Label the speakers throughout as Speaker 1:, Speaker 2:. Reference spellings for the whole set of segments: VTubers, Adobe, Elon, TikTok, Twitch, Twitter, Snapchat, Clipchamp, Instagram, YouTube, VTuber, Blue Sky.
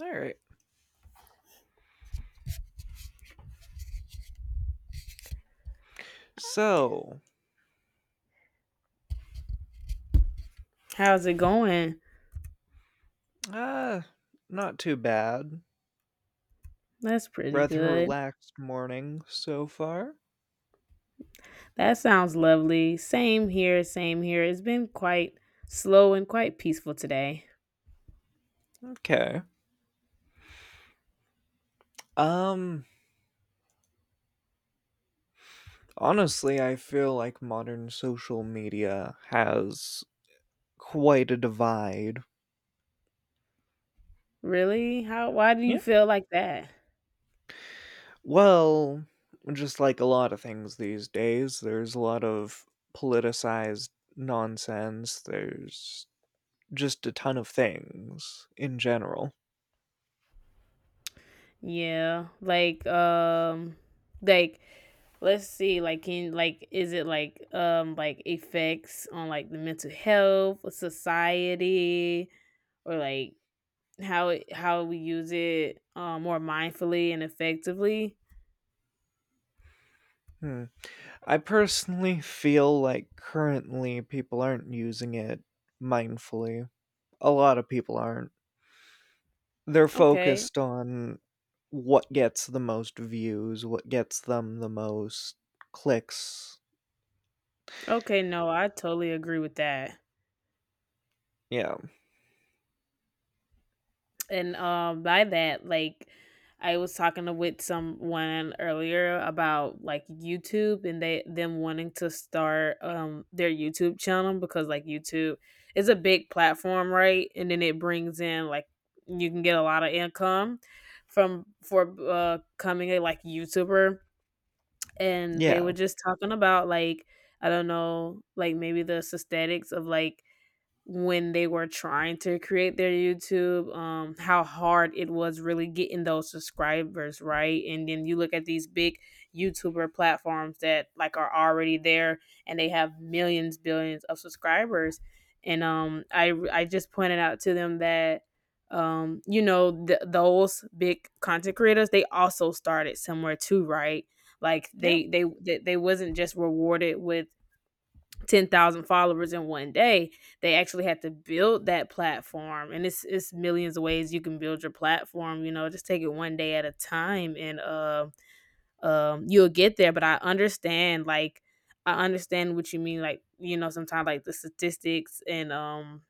Speaker 1: All right. So,
Speaker 2: How's it going?
Speaker 1: uh, not too bad.
Speaker 2: That's pretty
Speaker 1: Rather
Speaker 2: good.
Speaker 1: relaxed morning so far.
Speaker 2: That sounds lovely. Same here, same here. It's been quite slow and quite peaceful today.
Speaker 1: Okay. Um, Honestly, I feel like modern social media has quite a divide.
Speaker 2: Really? How why do you
Speaker 1: Yeah.
Speaker 2: feel like that?
Speaker 1: Well, just like a lot of things these days, there's a lot of politicized nonsense. There's just a ton of things in general.
Speaker 2: Yeah. Like let's see like can like is it like effects on like the mental health, society or like how we use it more mindfully and effectively?
Speaker 1: Hmm. I personally feel like currently people aren't using it mindfully. A lot of people aren't. They're
Speaker 2: Okay.
Speaker 1: focused on what gets the most views, what gets them the most clicks.
Speaker 2: Okay, no, I totally agree with that.
Speaker 1: Yeah.
Speaker 2: And by that, like I was talking to with someone earlier about like YouTube and they them wanting to start their YouTube channel because like YouTube is a big platform, right? And then it brings in like you can get a lot of income from for coming a like YouTuber and they
Speaker 1: Yeah.
Speaker 2: were just talking about like I don't know, like maybe the aesthetics of like when they were trying to create their YouTube, how hard it was really getting those subscribers, right? And then you look at these big YouTuber platforms that like are already there and they have millions, billions of subscribers. And I just pointed out to them that you know, those big content creators they also started somewhere too, right? Like
Speaker 1: Yeah.
Speaker 2: they wasn't just rewarded with 10,000 followers in one day. They actually had to build that platform and it's millions of ways you can build your platform, you know, just take it one day at a time and you'll get there, but I understand like I understand what you mean like, you know, sometimes like the statistics and um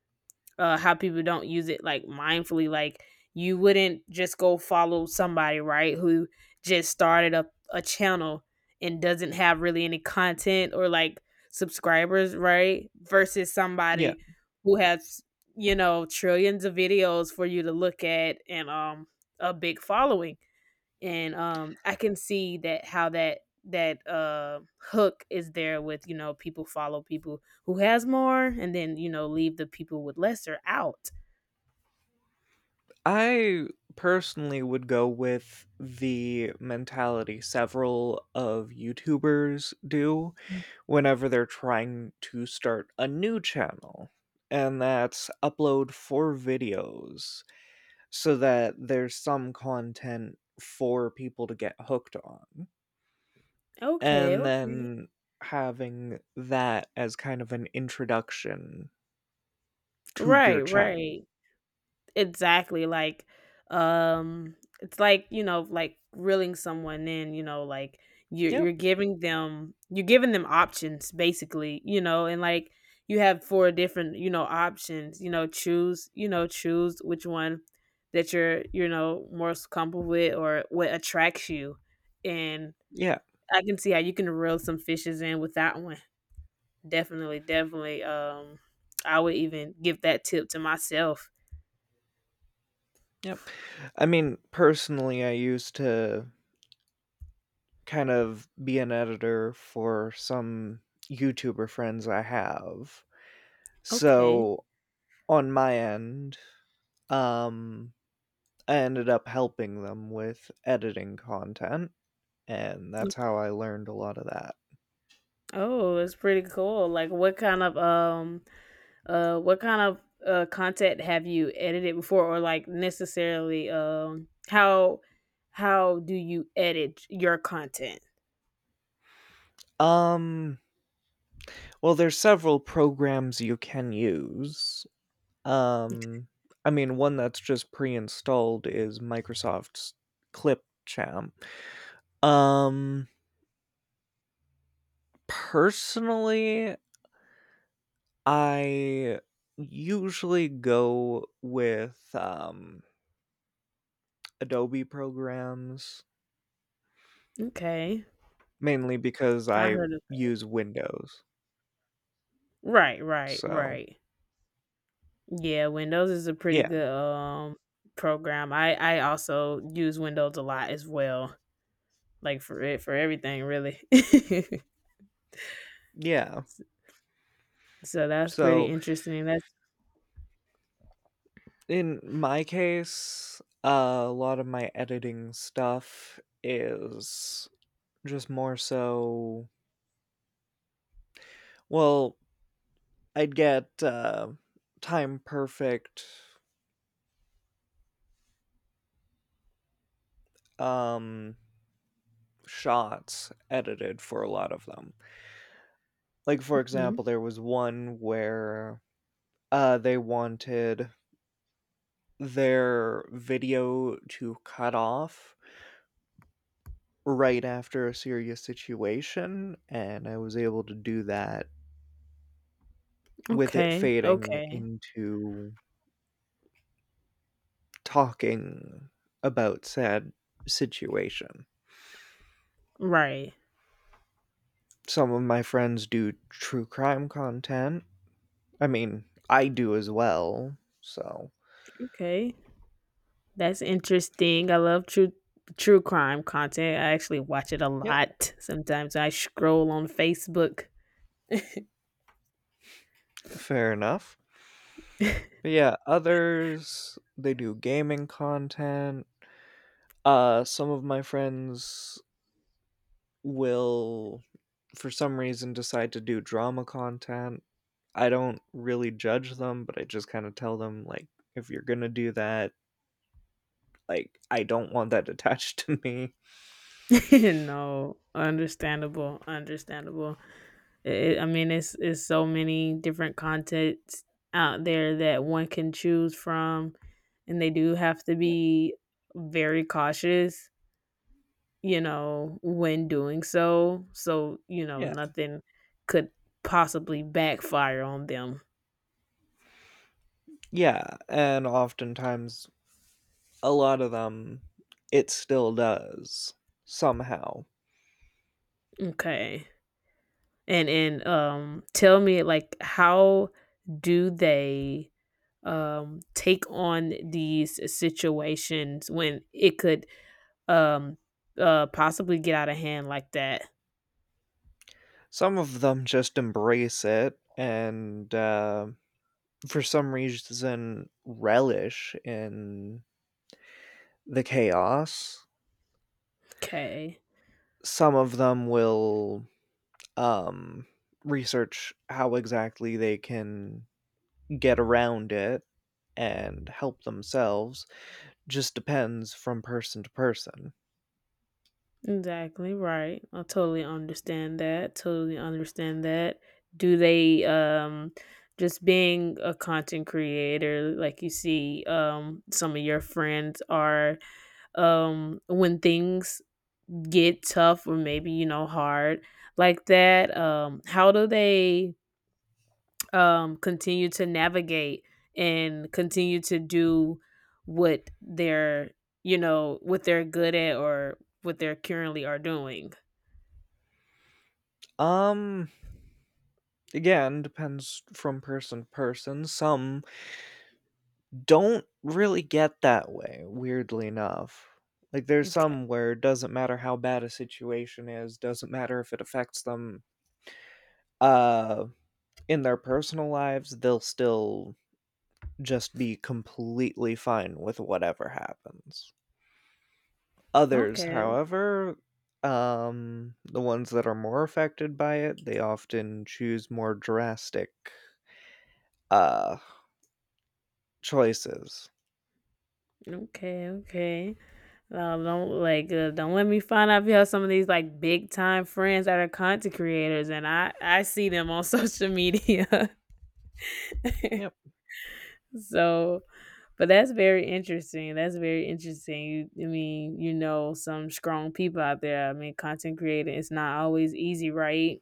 Speaker 2: uh, how people don't use it like mindfully. Like you wouldn't just go follow somebody, right, who just started up a channel and doesn't have really any content or like subscribers, right? Versus
Speaker 1: Yeah.
Speaker 2: somebody who has, you know, trillions of videos for you to look at and a big following and I can see that how that hook is there with you know people follow people who has more and then you know leave the people with lesser out.
Speaker 1: I personally would go with the mentality several of YouTubers do whenever they're trying to start a new channel, and that's upload four videos so that there's some content for people to get hooked on.
Speaker 2: Okay,
Speaker 1: And
Speaker 2: okay.
Speaker 1: then having that as kind of an introduction to your
Speaker 2: Right,
Speaker 1: channel.
Speaker 2: right. Exactly. Like, it's like, you know, like reeling someone in, you know, like
Speaker 1: Yep.
Speaker 2: you're giving them options basically, you know, and like you have four different, you know, options, you know, choose which one that you're, you know, most comfortable with or what attracts you. And
Speaker 1: Yeah.
Speaker 2: I can see how you can reel some fishes in with that one. Definitely, definitely. I would even give that tip to myself.
Speaker 1: Yep. I mean, personally, I used to kind of be an editor for some YouTuber friends I have.
Speaker 2: Okay.
Speaker 1: So on my end, Um, I ended up helping them with editing content, and that's how I learned a lot of that.
Speaker 2: Oh, it's pretty cool. Like what kind of content have you edited before or like necessarily how do you edit your content?
Speaker 1: Um, well, there's several programs you can use. Um, I mean, one that's just pre-installed is Microsoft's Clipchamp. Um, Personally, I usually go with Adobe programs
Speaker 2: Okay.
Speaker 1: mainly because
Speaker 2: I
Speaker 1: I
Speaker 2: heard of.
Speaker 1: use Windows.
Speaker 2: Right, right,
Speaker 1: So,
Speaker 2: right. Yeah, Windows is a pretty
Speaker 1: yeah.
Speaker 2: good program. I also use Windows a lot as well. Like for everything really.
Speaker 1: Yeah.
Speaker 2: So that's pretty
Speaker 1: So,
Speaker 2: interesting. That's.
Speaker 1: in my case, a lot of my editing stuff is just more so well, I'd get time perfect um shots edited for a lot of them. Like for
Speaker 2: Mhm.
Speaker 1: example, there was one where they wanted their video to cut off right after a serious situation, and I was able to do that with it
Speaker 2: Okay.
Speaker 1: fading
Speaker 2: Okay.
Speaker 1: into talking about said situation.
Speaker 2: Right.
Speaker 1: Some of my friends do true crime content. I mean, I do as well, so
Speaker 2: Okay, that's interesting. I love true crime content. I actually watch it a
Speaker 1: yep,
Speaker 2: lot. Sometimes I scroll on Facebook.
Speaker 1: fair enough. But yeah, others they do gaming content. Some of my friends will for some reason decide to do drama content. I don't really judge them, but I just kind of tell them like if you're going to do that, like I don't want that attached to me.
Speaker 2: No, understandable, understandable. I mean, it's so many different contents out there that one can choose from, and they do have to
Speaker 1: Yep.
Speaker 2: be very cautious, you know, when doing so. So, you know,
Speaker 1: Yeah.
Speaker 2: nothing could possibly backfire on them.
Speaker 1: Yeah, and oftentimes a lot of them it still does somehow.
Speaker 2: Okay. And tell me like how do they take on these situations when it could um possibly get out of hand like that?
Speaker 1: Some of them just embrace it and for some reason relish in the chaos.
Speaker 2: Okay.
Speaker 1: Some of them will um, research how exactly they can get around it and help themselves just depends from person to person.
Speaker 2: Exactly right. I totally understand that. Totally understand that. Do they just being a content creator like you see some of your friends are when things get tough or maybe you know hard like that how do they continue to navigate and continue to do what they're you know what they're good at or what they're currently are doing?
Speaker 1: Um, Again, depends from person to person. Some don't really get that way, weirdly enough. Like, there's some where it doesn't matter how bad a situation is, doesn't matter if it affects them uh, in their personal lives, they'll still just be completely fine with whatever happens. Others,
Speaker 2: Okay,
Speaker 1: however, the ones that are more affected by it, they often choose more drastic uh, choices.
Speaker 2: okay, okay. Don't like don't let me find out if you have some of these like big time friends that are content creators, and I see them on social media.
Speaker 1: Yep.
Speaker 2: So, but that's very interesting. That's very interesting. You, I mean, you know, some strong people out there. I mean, content creating is not always easy, right?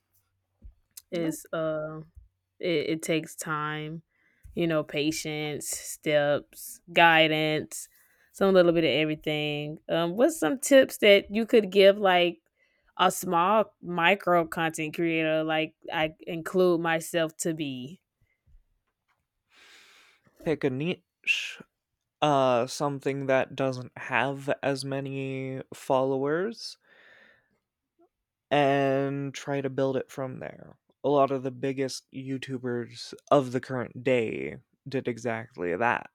Speaker 1: Nope.
Speaker 2: It's uh it takes time, you know, patience, steps, guidance, some little bit of everything. What's some tips that you could give like a small micro content creator like I include myself to be?
Speaker 1: Pick a niche, something that doesn't have as many followers, and try to build it from there. A lot of the biggest YouTubers of the current day did exactly that.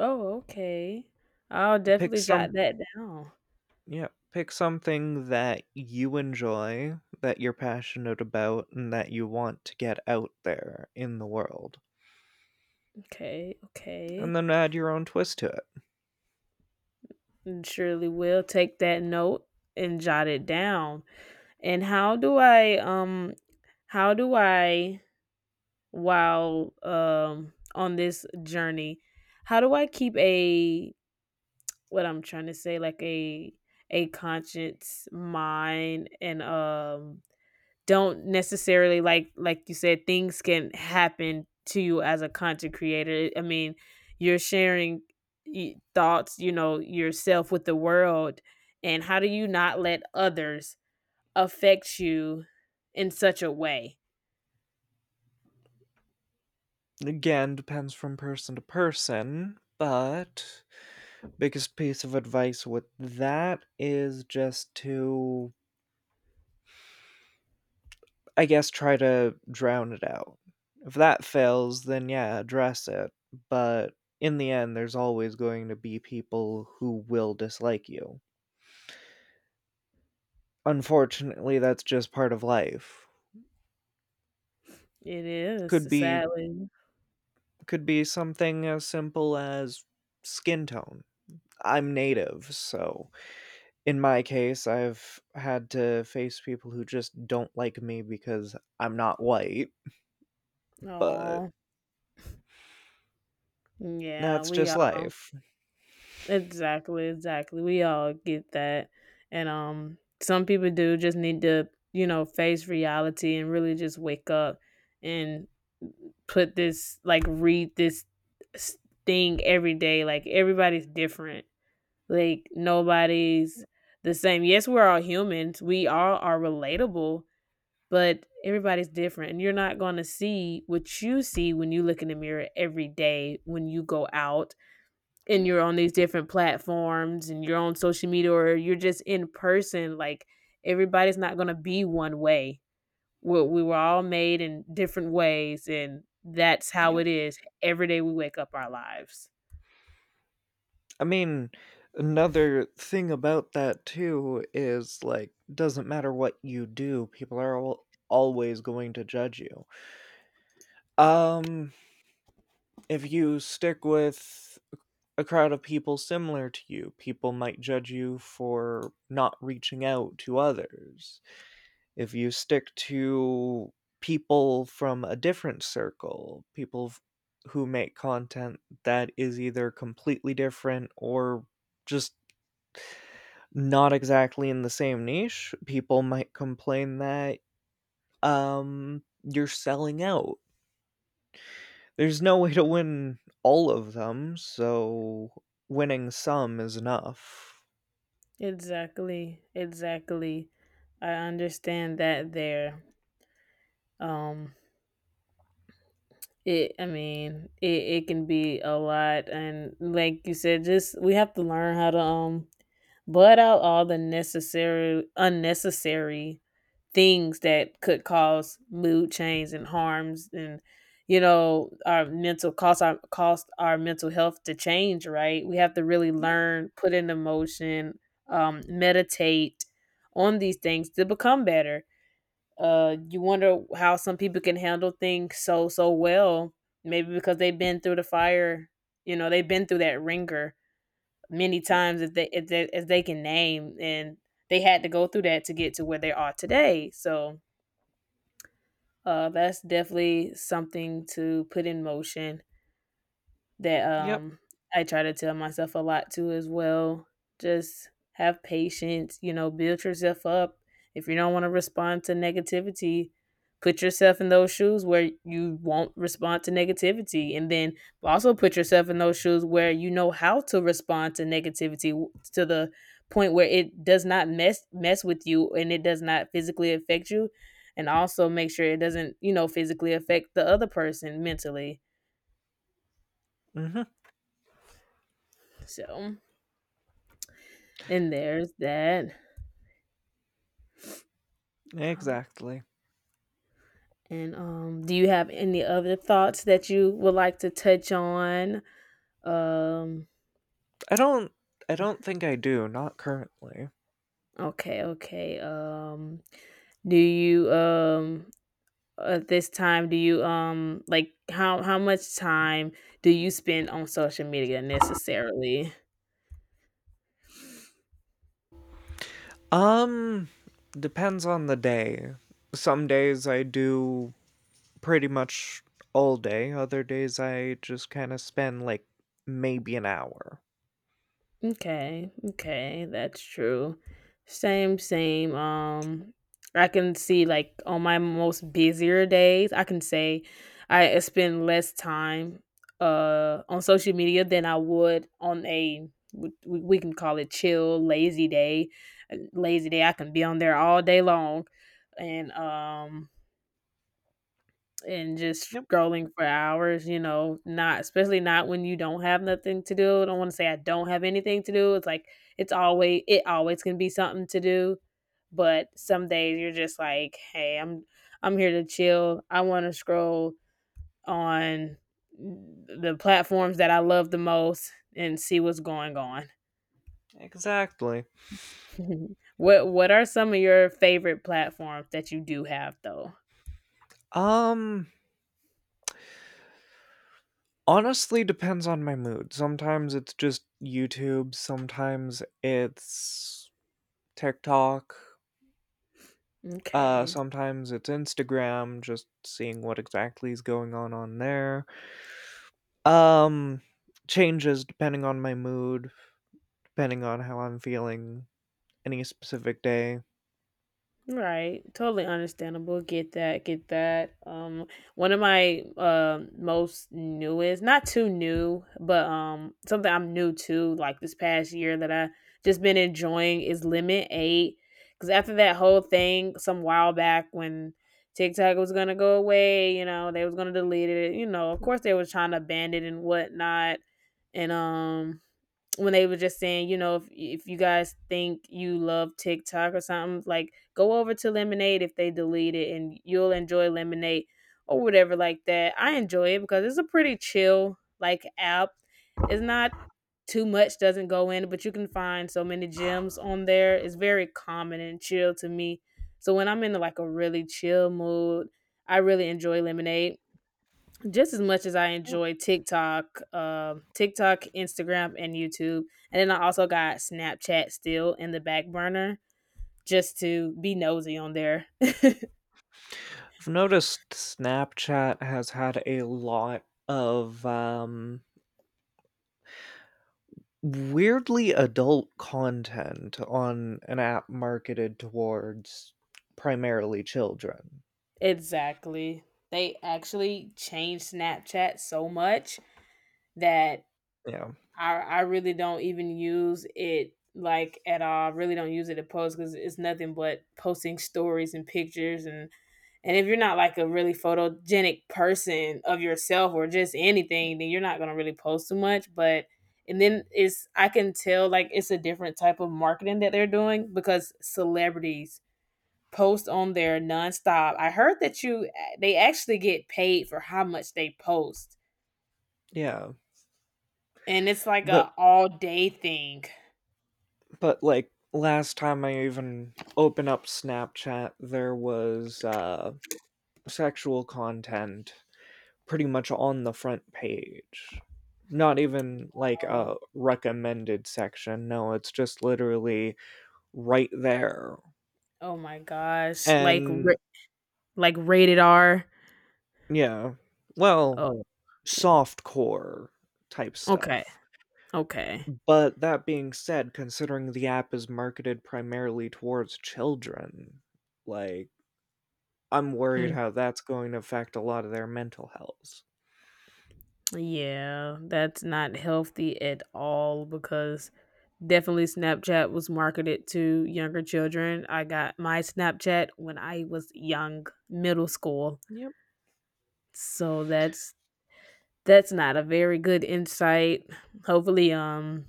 Speaker 2: Oh, okay. I'll
Speaker 1: Pick
Speaker 2: definitely
Speaker 1: some.
Speaker 2: jot that down.
Speaker 1: Yeah, pick something that you enjoy, that you're passionate about, and that you want to get out there in the world,
Speaker 2: Okay, okay.
Speaker 1: and then add your own twist to it.
Speaker 2: And surely will take that note and jot it down. And how do I while on this journey how do I keep a, what I'm trying to say, like a conscience mind and don't necessarily like you said things can happen to you as a content creator, I mean you're sharing thoughts, you know, yourself with the world, and how do you not let others affect you in such a way.
Speaker 1: Again, depends from person to person, but biggest piece of advice with that is just to, I guess, try to drown it out. If that fails, then yeah, address it, but in the end, there's always going to be people who will dislike you. Unfortunately, that's just part of life.
Speaker 2: It is
Speaker 1: Could be
Speaker 2: sadly.
Speaker 1: could be something as simple as skin tone. I'm native, so in my case, I've had to face people who just don't like me because I'm not white, but
Speaker 2: Oh. Yeah,
Speaker 1: that's
Speaker 2: we
Speaker 1: just
Speaker 2: all.
Speaker 1: life.
Speaker 2: Exactly, exactly. We all get that. And some people do just need to, you know, face reality and really just wake up and put this like read this s- thing every day. Like everybody's different. Like nobody's the same. Yes, we're all humans. We all are relatable, but everybody's different. And you're not going to see what you see when you look in the mirror every day when you go out and
Speaker 1: Yep,
Speaker 2: you're on these different platforms and you're on social media or you're just in person. Like everybody's not going to be one way. We were all made in different ways and that's how
Speaker 1: yep.
Speaker 2: it is every day we wake up our lives.
Speaker 1: I mean, another thing about that too is like doesn't matter what you do, people are always going to judge you. Um if you stick with a crowd of people similar to you, people might judge you for not reaching out to others. If you stick to people from a different circle, people who make content that is either completely different or just not exactly in the same niche, people might complain that you're selling out. There's no way to win all of them, so winning some is enough.
Speaker 2: Exactly, exactly. I understand that. There, um it I mean, it can be a lot, and like you said, just we have to learn how to blot out all the necessary unnecessary things that could cause mood change and harms and, you know, our mental cost our mental health to change, right? We have to really
Speaker 1: Yep,
Speaker 2: learn, put into motion, meditate on these things to become better. You wonder how some people can handle things so so well, maybe because they've been through the fire, you know, they've been through that ringer many
Speaker 1: yep,
Speaker 2: times as they can name, and they had to go through that to get to where they are today. So, that's definitely something to put in motion that
Speaker 1: yep.
Speaker 2: I try to tell myself a lot too as well. Just have patience, you know, build yourself up. If you don't want to respond to negativity, put yourself in those shoes where you won't respond to negativity, and then also put yourself in those shoes where you know how to respond to negativity to the point where it does not mess with you, and it does not physically affect you, and also make sure it doesn't, you know, physically affect the other person mentally.
Speaker 1: Mhm,
Speaker 2: So. And there's that. Oh,
Speaker 1: exactly.
Speaker 2: and, do you have any other thoughts that you would like to touch on? Um,
Speaker 1: I don't I don't think I do, not currently.
Speaker 2: okay, okay. Do you, um at this time, how much time do you spend on social media necessarily?
Speaker 1: Um, Depends on the day. Some days I do pretty much all day, other days I just kinda spend, like, maybe an hour.
Speaker 2: Okay, okay, that's true. Same, same. I can see like on my most busier days, I can say I spend less time on social media than I would on a can call it chill, lazy day. A lazy day, I can be on there all day long, and um and just
Speaker 1: Yep.
Speaker 2: scrolling for hours, you know, not especially not when you don't have nothing to do. I don't want to say I don't have anything to do. It's like it always can be something to do, but some days you're just like, "Hey, I'm here to chill. I want to scroll on the platforms that I love the most and see what's going on."
Speaker 1: Exactly.
Speaker 2: What are some of your favorite platforms that you do have though?
Speaker 1: Um Honestly, depends on my mood. Sometimes it's just YouTube, sometimes it's TikTok,
Speaker 2: Okay.
Speaker 1: sometimes it's Instagram, just seeing what exactly is going on there. Um, Changes depending on my mood, depending on how I'm feeling any specific day.
Speaker 2: Right. Totally understandable. Get that. Get that. One of my most newest, not too new, but something I'm new to like this past year that I just been enjoying is Limit 8, cuz after that whole thing some while back when TikTok was going to go away, you know, they was going to delete it. You know, of course they was trying to ban it and whatnot. And when they were just saying, you know, if you guys think you love TikTok or something, like go over to Lemonade if they delete it, and you'll enjoy Lemonade or whatever like that. I enjoy it because it's a pretty chill like app. It's not too much doesn't go in, but you can find so many gems on there. It's very common and chill to me. So when I'm in like a really chill mood, I really enjoy Lemonade just as much as I enjoy TikTok, TikTok, Instagram, and YouTube, and then I also got Snapchat still in the back burner just to be nosy on there.
Speaker 1: I've noticed Snapchat has had a lot of weirdly adult content on an app marketed towards primarily children.
Speaker 2: Exactly. They actually changed Snapchat so much that
Speaker 1: Yeah.
Speaker 2: I really don't even use it like at all. I really don't use it to post because it's nothing but posting stories and pictures and. And if you're not like a really photogenic person of yourself or just
Speaker 1: Yep.
Speaker 2: anything, then you're not going to really post too much. But, and then it's, I can tell like it's a different type of marketing that they're doing because celebrities post on there nonstop. I heard that they actually get paid for how much they post.
Speaker 1: Yeah.
Speaker 2: And it's like
Speaker 1: But
Speaker 2: a all day thing.
Speaker 1: but, like, last time I even opened up Snapchat, there was, sexual content pretty much on the front page. Not even, like,
Speaker 2: Oh,
Speaker 1: a recommended section, no, it's just literally right there.
Speaker 2: oh my gosh. Like,
Speaker 1: And
Speaker 2: like rated R.
Speaker 1: yeah. Well,
Speaker 2: Oh,
Speaker 1: soft core type
Speaker 2: okay.
Speaker 1: stuff.
Speaker 2: Okay.
Speaker 1: But that being said, considering the app is marketed primarily towards children, like I'm worried
Speaker 2: Mm.
Speaker 1: how that's going to affect a lot of their mental health.
Speaker 2: Yeah, that's not healthy at all because definitely Snapchat was marketed to younger children. I got my Snapchat when I was young, middle school.
Speaker 1: Yep.
Speaker 2: So that's not a very good insight. Hopefully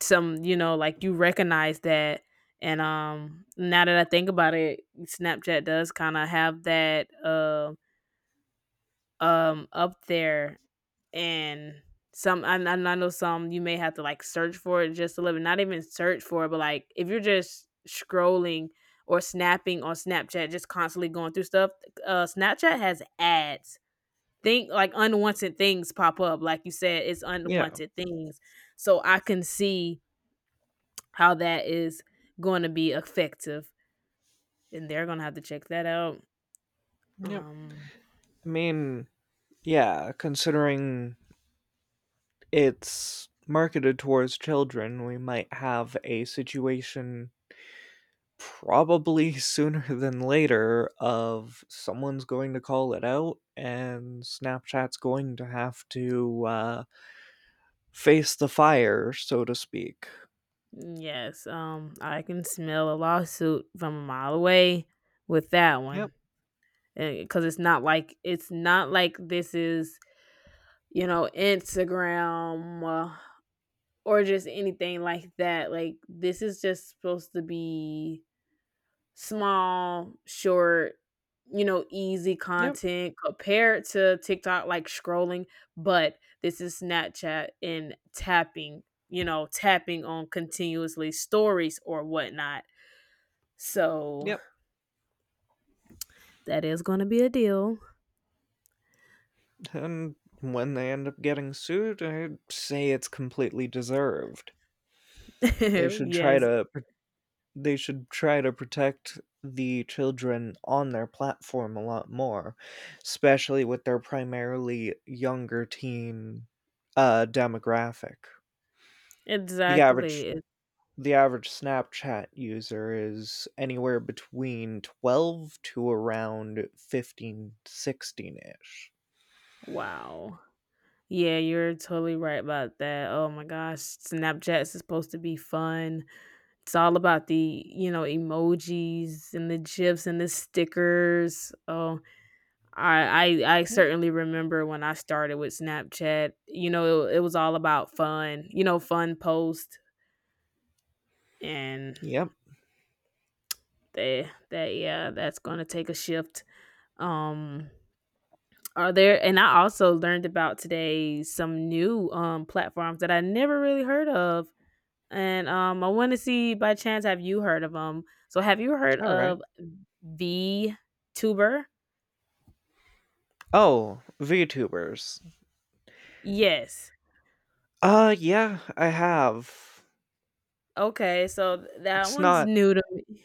Speaker 2: some, you know, like you recognize that and now that I think about it, Snapchat does kind of have that up there and some I know some you may have to like search for it just a little bit, not even search for it, but like if you're just scrolling or snapping on Snapchat, just constantly going through stuff. Snapchat has ads, think like unwanted things pop up. Like you said, it's
Speaker 1: Yeah.
Speaker 2: unwanted things. So I can see how that is going to be effective and they're going to have to check that out.
Speaker 1: Yep.
Speaker 2: um
Speaker 1: I mean, yeah, considering it's marketed towards children, we might have a situation probably sooner than later of someone's going to call it out and Snapchat's going to have to face the fire, so to speak.
Speaker 2: yes, I can smell a lawsuit from a mile away with that
Speaker 1: Yep,
Speaker 2: one because it's not like this is, you know, Instagram, or just anything like that. Like this is just supposed to be small, short, you know, easy
Speaker 1: yep,
Speaker 2: content compared to TikTok, like scrolling. But this is Snapchat and tapping, you know, tapping on continuously stories or whatnot. So
Speaker 1: yep.
Speaker 2: that is going to be a deal.
Speaker 1: And when they end up getting sued, I'd say it's completely deserved. They should try
Speaker 2: Yes,
Speaker 1: to they should try to protect the children on their platform a lot more, especially with their primarily younger teen demographic. The average
Speaker 2: exactly.
Speaker 1: the average Snapchat user is anywhere between 12 to around 15, 16 ish.
Speaker 2: Wow. Yeah, you're totally right about that. Oh my gosh, Snapchat's is supposed to be fun. It's all about the, you know, emojis and the gifs and the stickers. Oh, I
Speaker 1: Yep.
Speaker 2: certainly remember when I started with Snapchat. You know, it was all about fun. You know, fun post and
Speaker 1: Yep.
Speaker 2: that yeah, that's going to take a shift. Um are there, and I also learned about today some new platforms that I never really heard of. And I want to see by chance have you heard of him? So have you heard
Speaker 1: All right.
Speaker 2: of VTuber?
Speaker 1: Oh, VTubers.
Speaker 2: Yes.
Speaker 1: Yeah, I have.
Speaker 2: Okay, so that
Speaker 1: It's
Speaker 2: one's
Speaker 1: not
Speaker 2: new to me.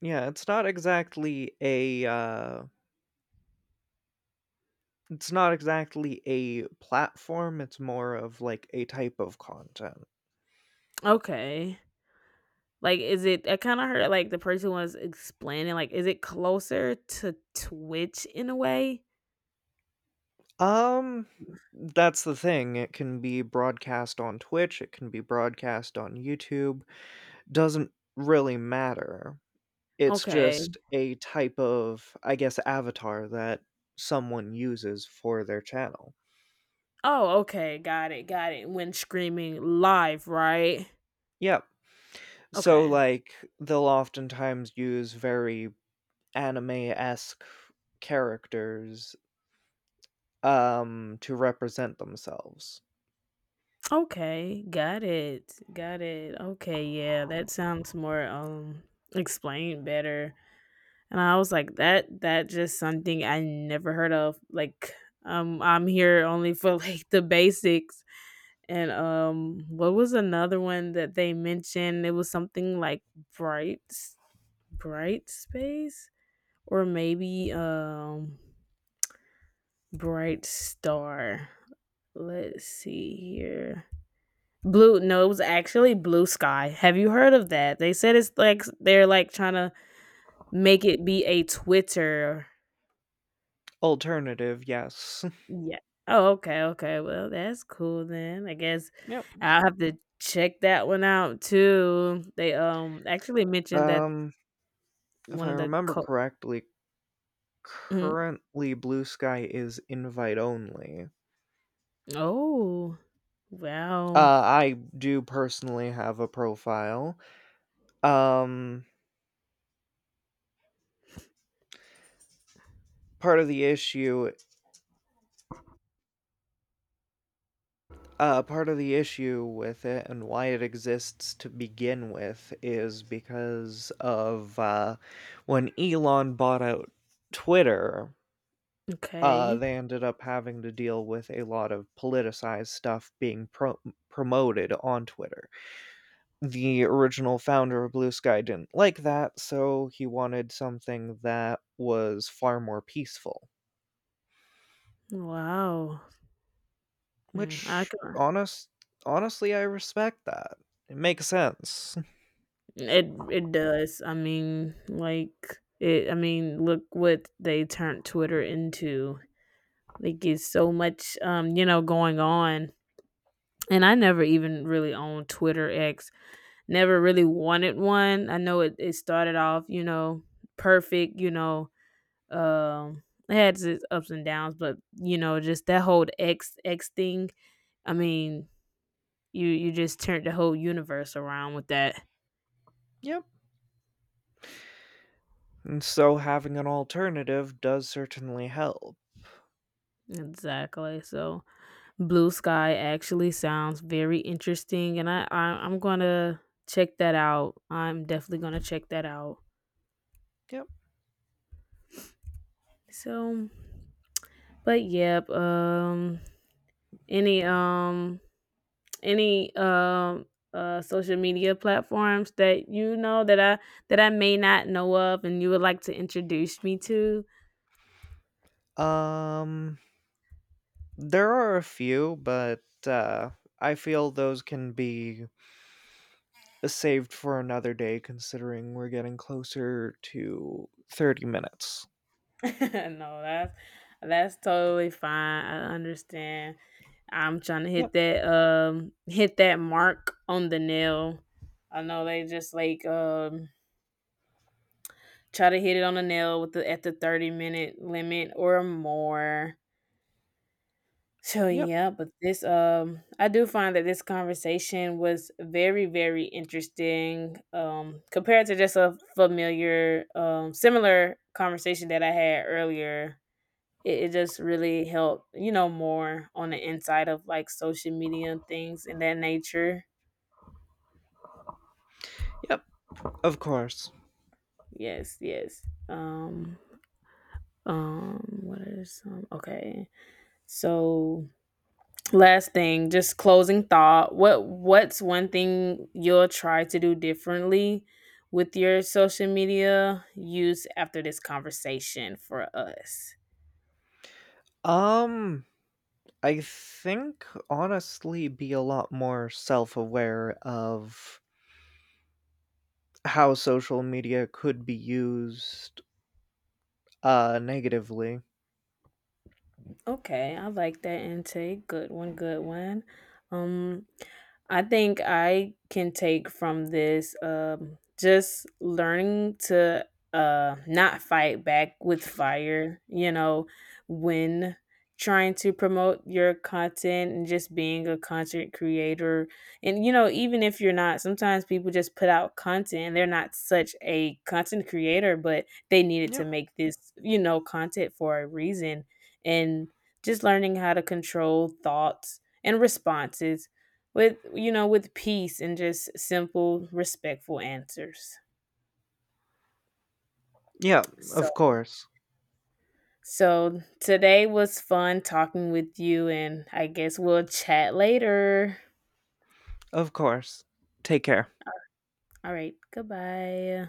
Speaker 1: Yeah, it's not exactly a it's not exactly a platform, it's more of like a type of content.
Speaker 2: Okay. Like is it, I kind of heard like the person was explaining, like is it closer to Twitch in a way?
Speaker 1: Um, that's the thing. It can be broadcast on Twitch, it can be broadcast on YouTube. Doesn't really matter. It's
Speaker 2: Okay.
Speaker 1: just a type of, I guess, avatar that someone uses for their channel.
Speaker 2: Oh, okay. Got it. Got it. When screaming live, right?
Speaker 1: Yeah. So,
Speaker 2: Okay.
Speaker 1: like, they'll oftentimes use very anime-esque characters, to represent themselves.
Speaker 2: Okay. Got it. Got it. Okay. Yeah, that sounds more explained better. And I was like, that just something I never heard of. Like, I'm here only for like the basics. And what was another one that they mentioned? It was something like bright, bright space, or maybe Bright Star. Let's see here. Blue, no, it was actually Blue Sky. Have you heard of that? They said it's like they're like trying to make it be a Twitter.
Speaker 1: Alternative, yes.
Speaker 2: Yeah. Oh, okay, okay. Well, that's cool then. I guess
Speaker 1: Yep.
Speaker 2: I'll have to check that one out too. They actually mentioned that
Speaker 1: Um, if
Speaker 2: one
Speaker 1: I
Speaker 2: of the
Speaker 1: remember correctly,
Speaker 2: mhm.
Speaker 1: currently Blue Sky is invite only.
Speaker 2: Oh, wow.
Speaker 1: I do personally have a profile. Um, part of the issue part of the issue with it and why it exists to begin with is because of when Elon bought out Twitter,
Speaker 2: Okay.
Speaker 1: they ended up having to deal with a lot of politicized stuff being promoted on Twitter. The original founder of Blue Sky didn't like that, so he wanted something that was far more peaceful,
Speaker 2: Wow. Mm, I
Speaker 1: which
Speaker 2: can.
Speaker 1: honestly I respect that. It makes sense.
Speaker 2: It does. I mean, like it I mean, look what they turned Twitter into. They get so much you know, going on. And I never even really owned Twitter X. Never really wanted one. I know it started off, you know, perfect, you know, um it had its ups and downs, but you know, just that whole X thing. I mean, you just turned the whole universe around with that.
Speaker 1: Yep. And so having an alternative does certainly help.
Speaker 2: Exactly. So Blue Sky actually sounds very interesting, and I'm gonna check that out. I'm definitely gonna check that out.
Speaker 1: Yep.
Speaker 2: So, but yep. Any um any social media platforms that you know that I may not know of, and you would like to introduce me to?
Speaker 1: Um there are a few, but I feel those can be saved for another day considering we're getting closer to 30 minutes.
Speaker 2: No, that's that's totally fine. I understand. I'm trying to
Speaker 1: Yep.
Speaker 2: hit that mark on the nail. I know they just like try to hit it on the nail with the at the 30-minute limit or more. So
Speaker 1: Yep.
Speaker 2: yeah, but this I do find that this conversation was very very interesting compared to just a familiar similar conversation that I had earlier. It just really helped, you know, more on the inside of like social media and things in that nature.
Speaker 1: Yep. Of course.
Speaker 2: Yes, yes. Um, What is? Are Okay, so last thing, just closing thought. What's one thing you'll try to do differently with your social media use after this conversation for us?
Speaker 1: Um I think honestly be a lot more self-aware of how social media could be used negatively.
Speaker 2: Okay, I like that intake. Good one, good one. Um, I think I can take from this just learning to not fight back with fire, you know, when trying to promote your content and just being a content creator. And you know, even if you're not, sometimes people just put out content and they're not such a content creator, but they needed to
Speaker 1: Yep.
Speaker 2: make this, you know, content for a reason. And just learning how to control thoughts and responses with you know with peace and just simple respectful answers.
Speaker 1: Yeah, of
Speaker 2: So,
Speaker 1: course.
Speaker 2: so today was fun talking with you and I guess we'll chat later.
Speaker 1: Of course. Take care.
Speaker 2: All right, goodbye.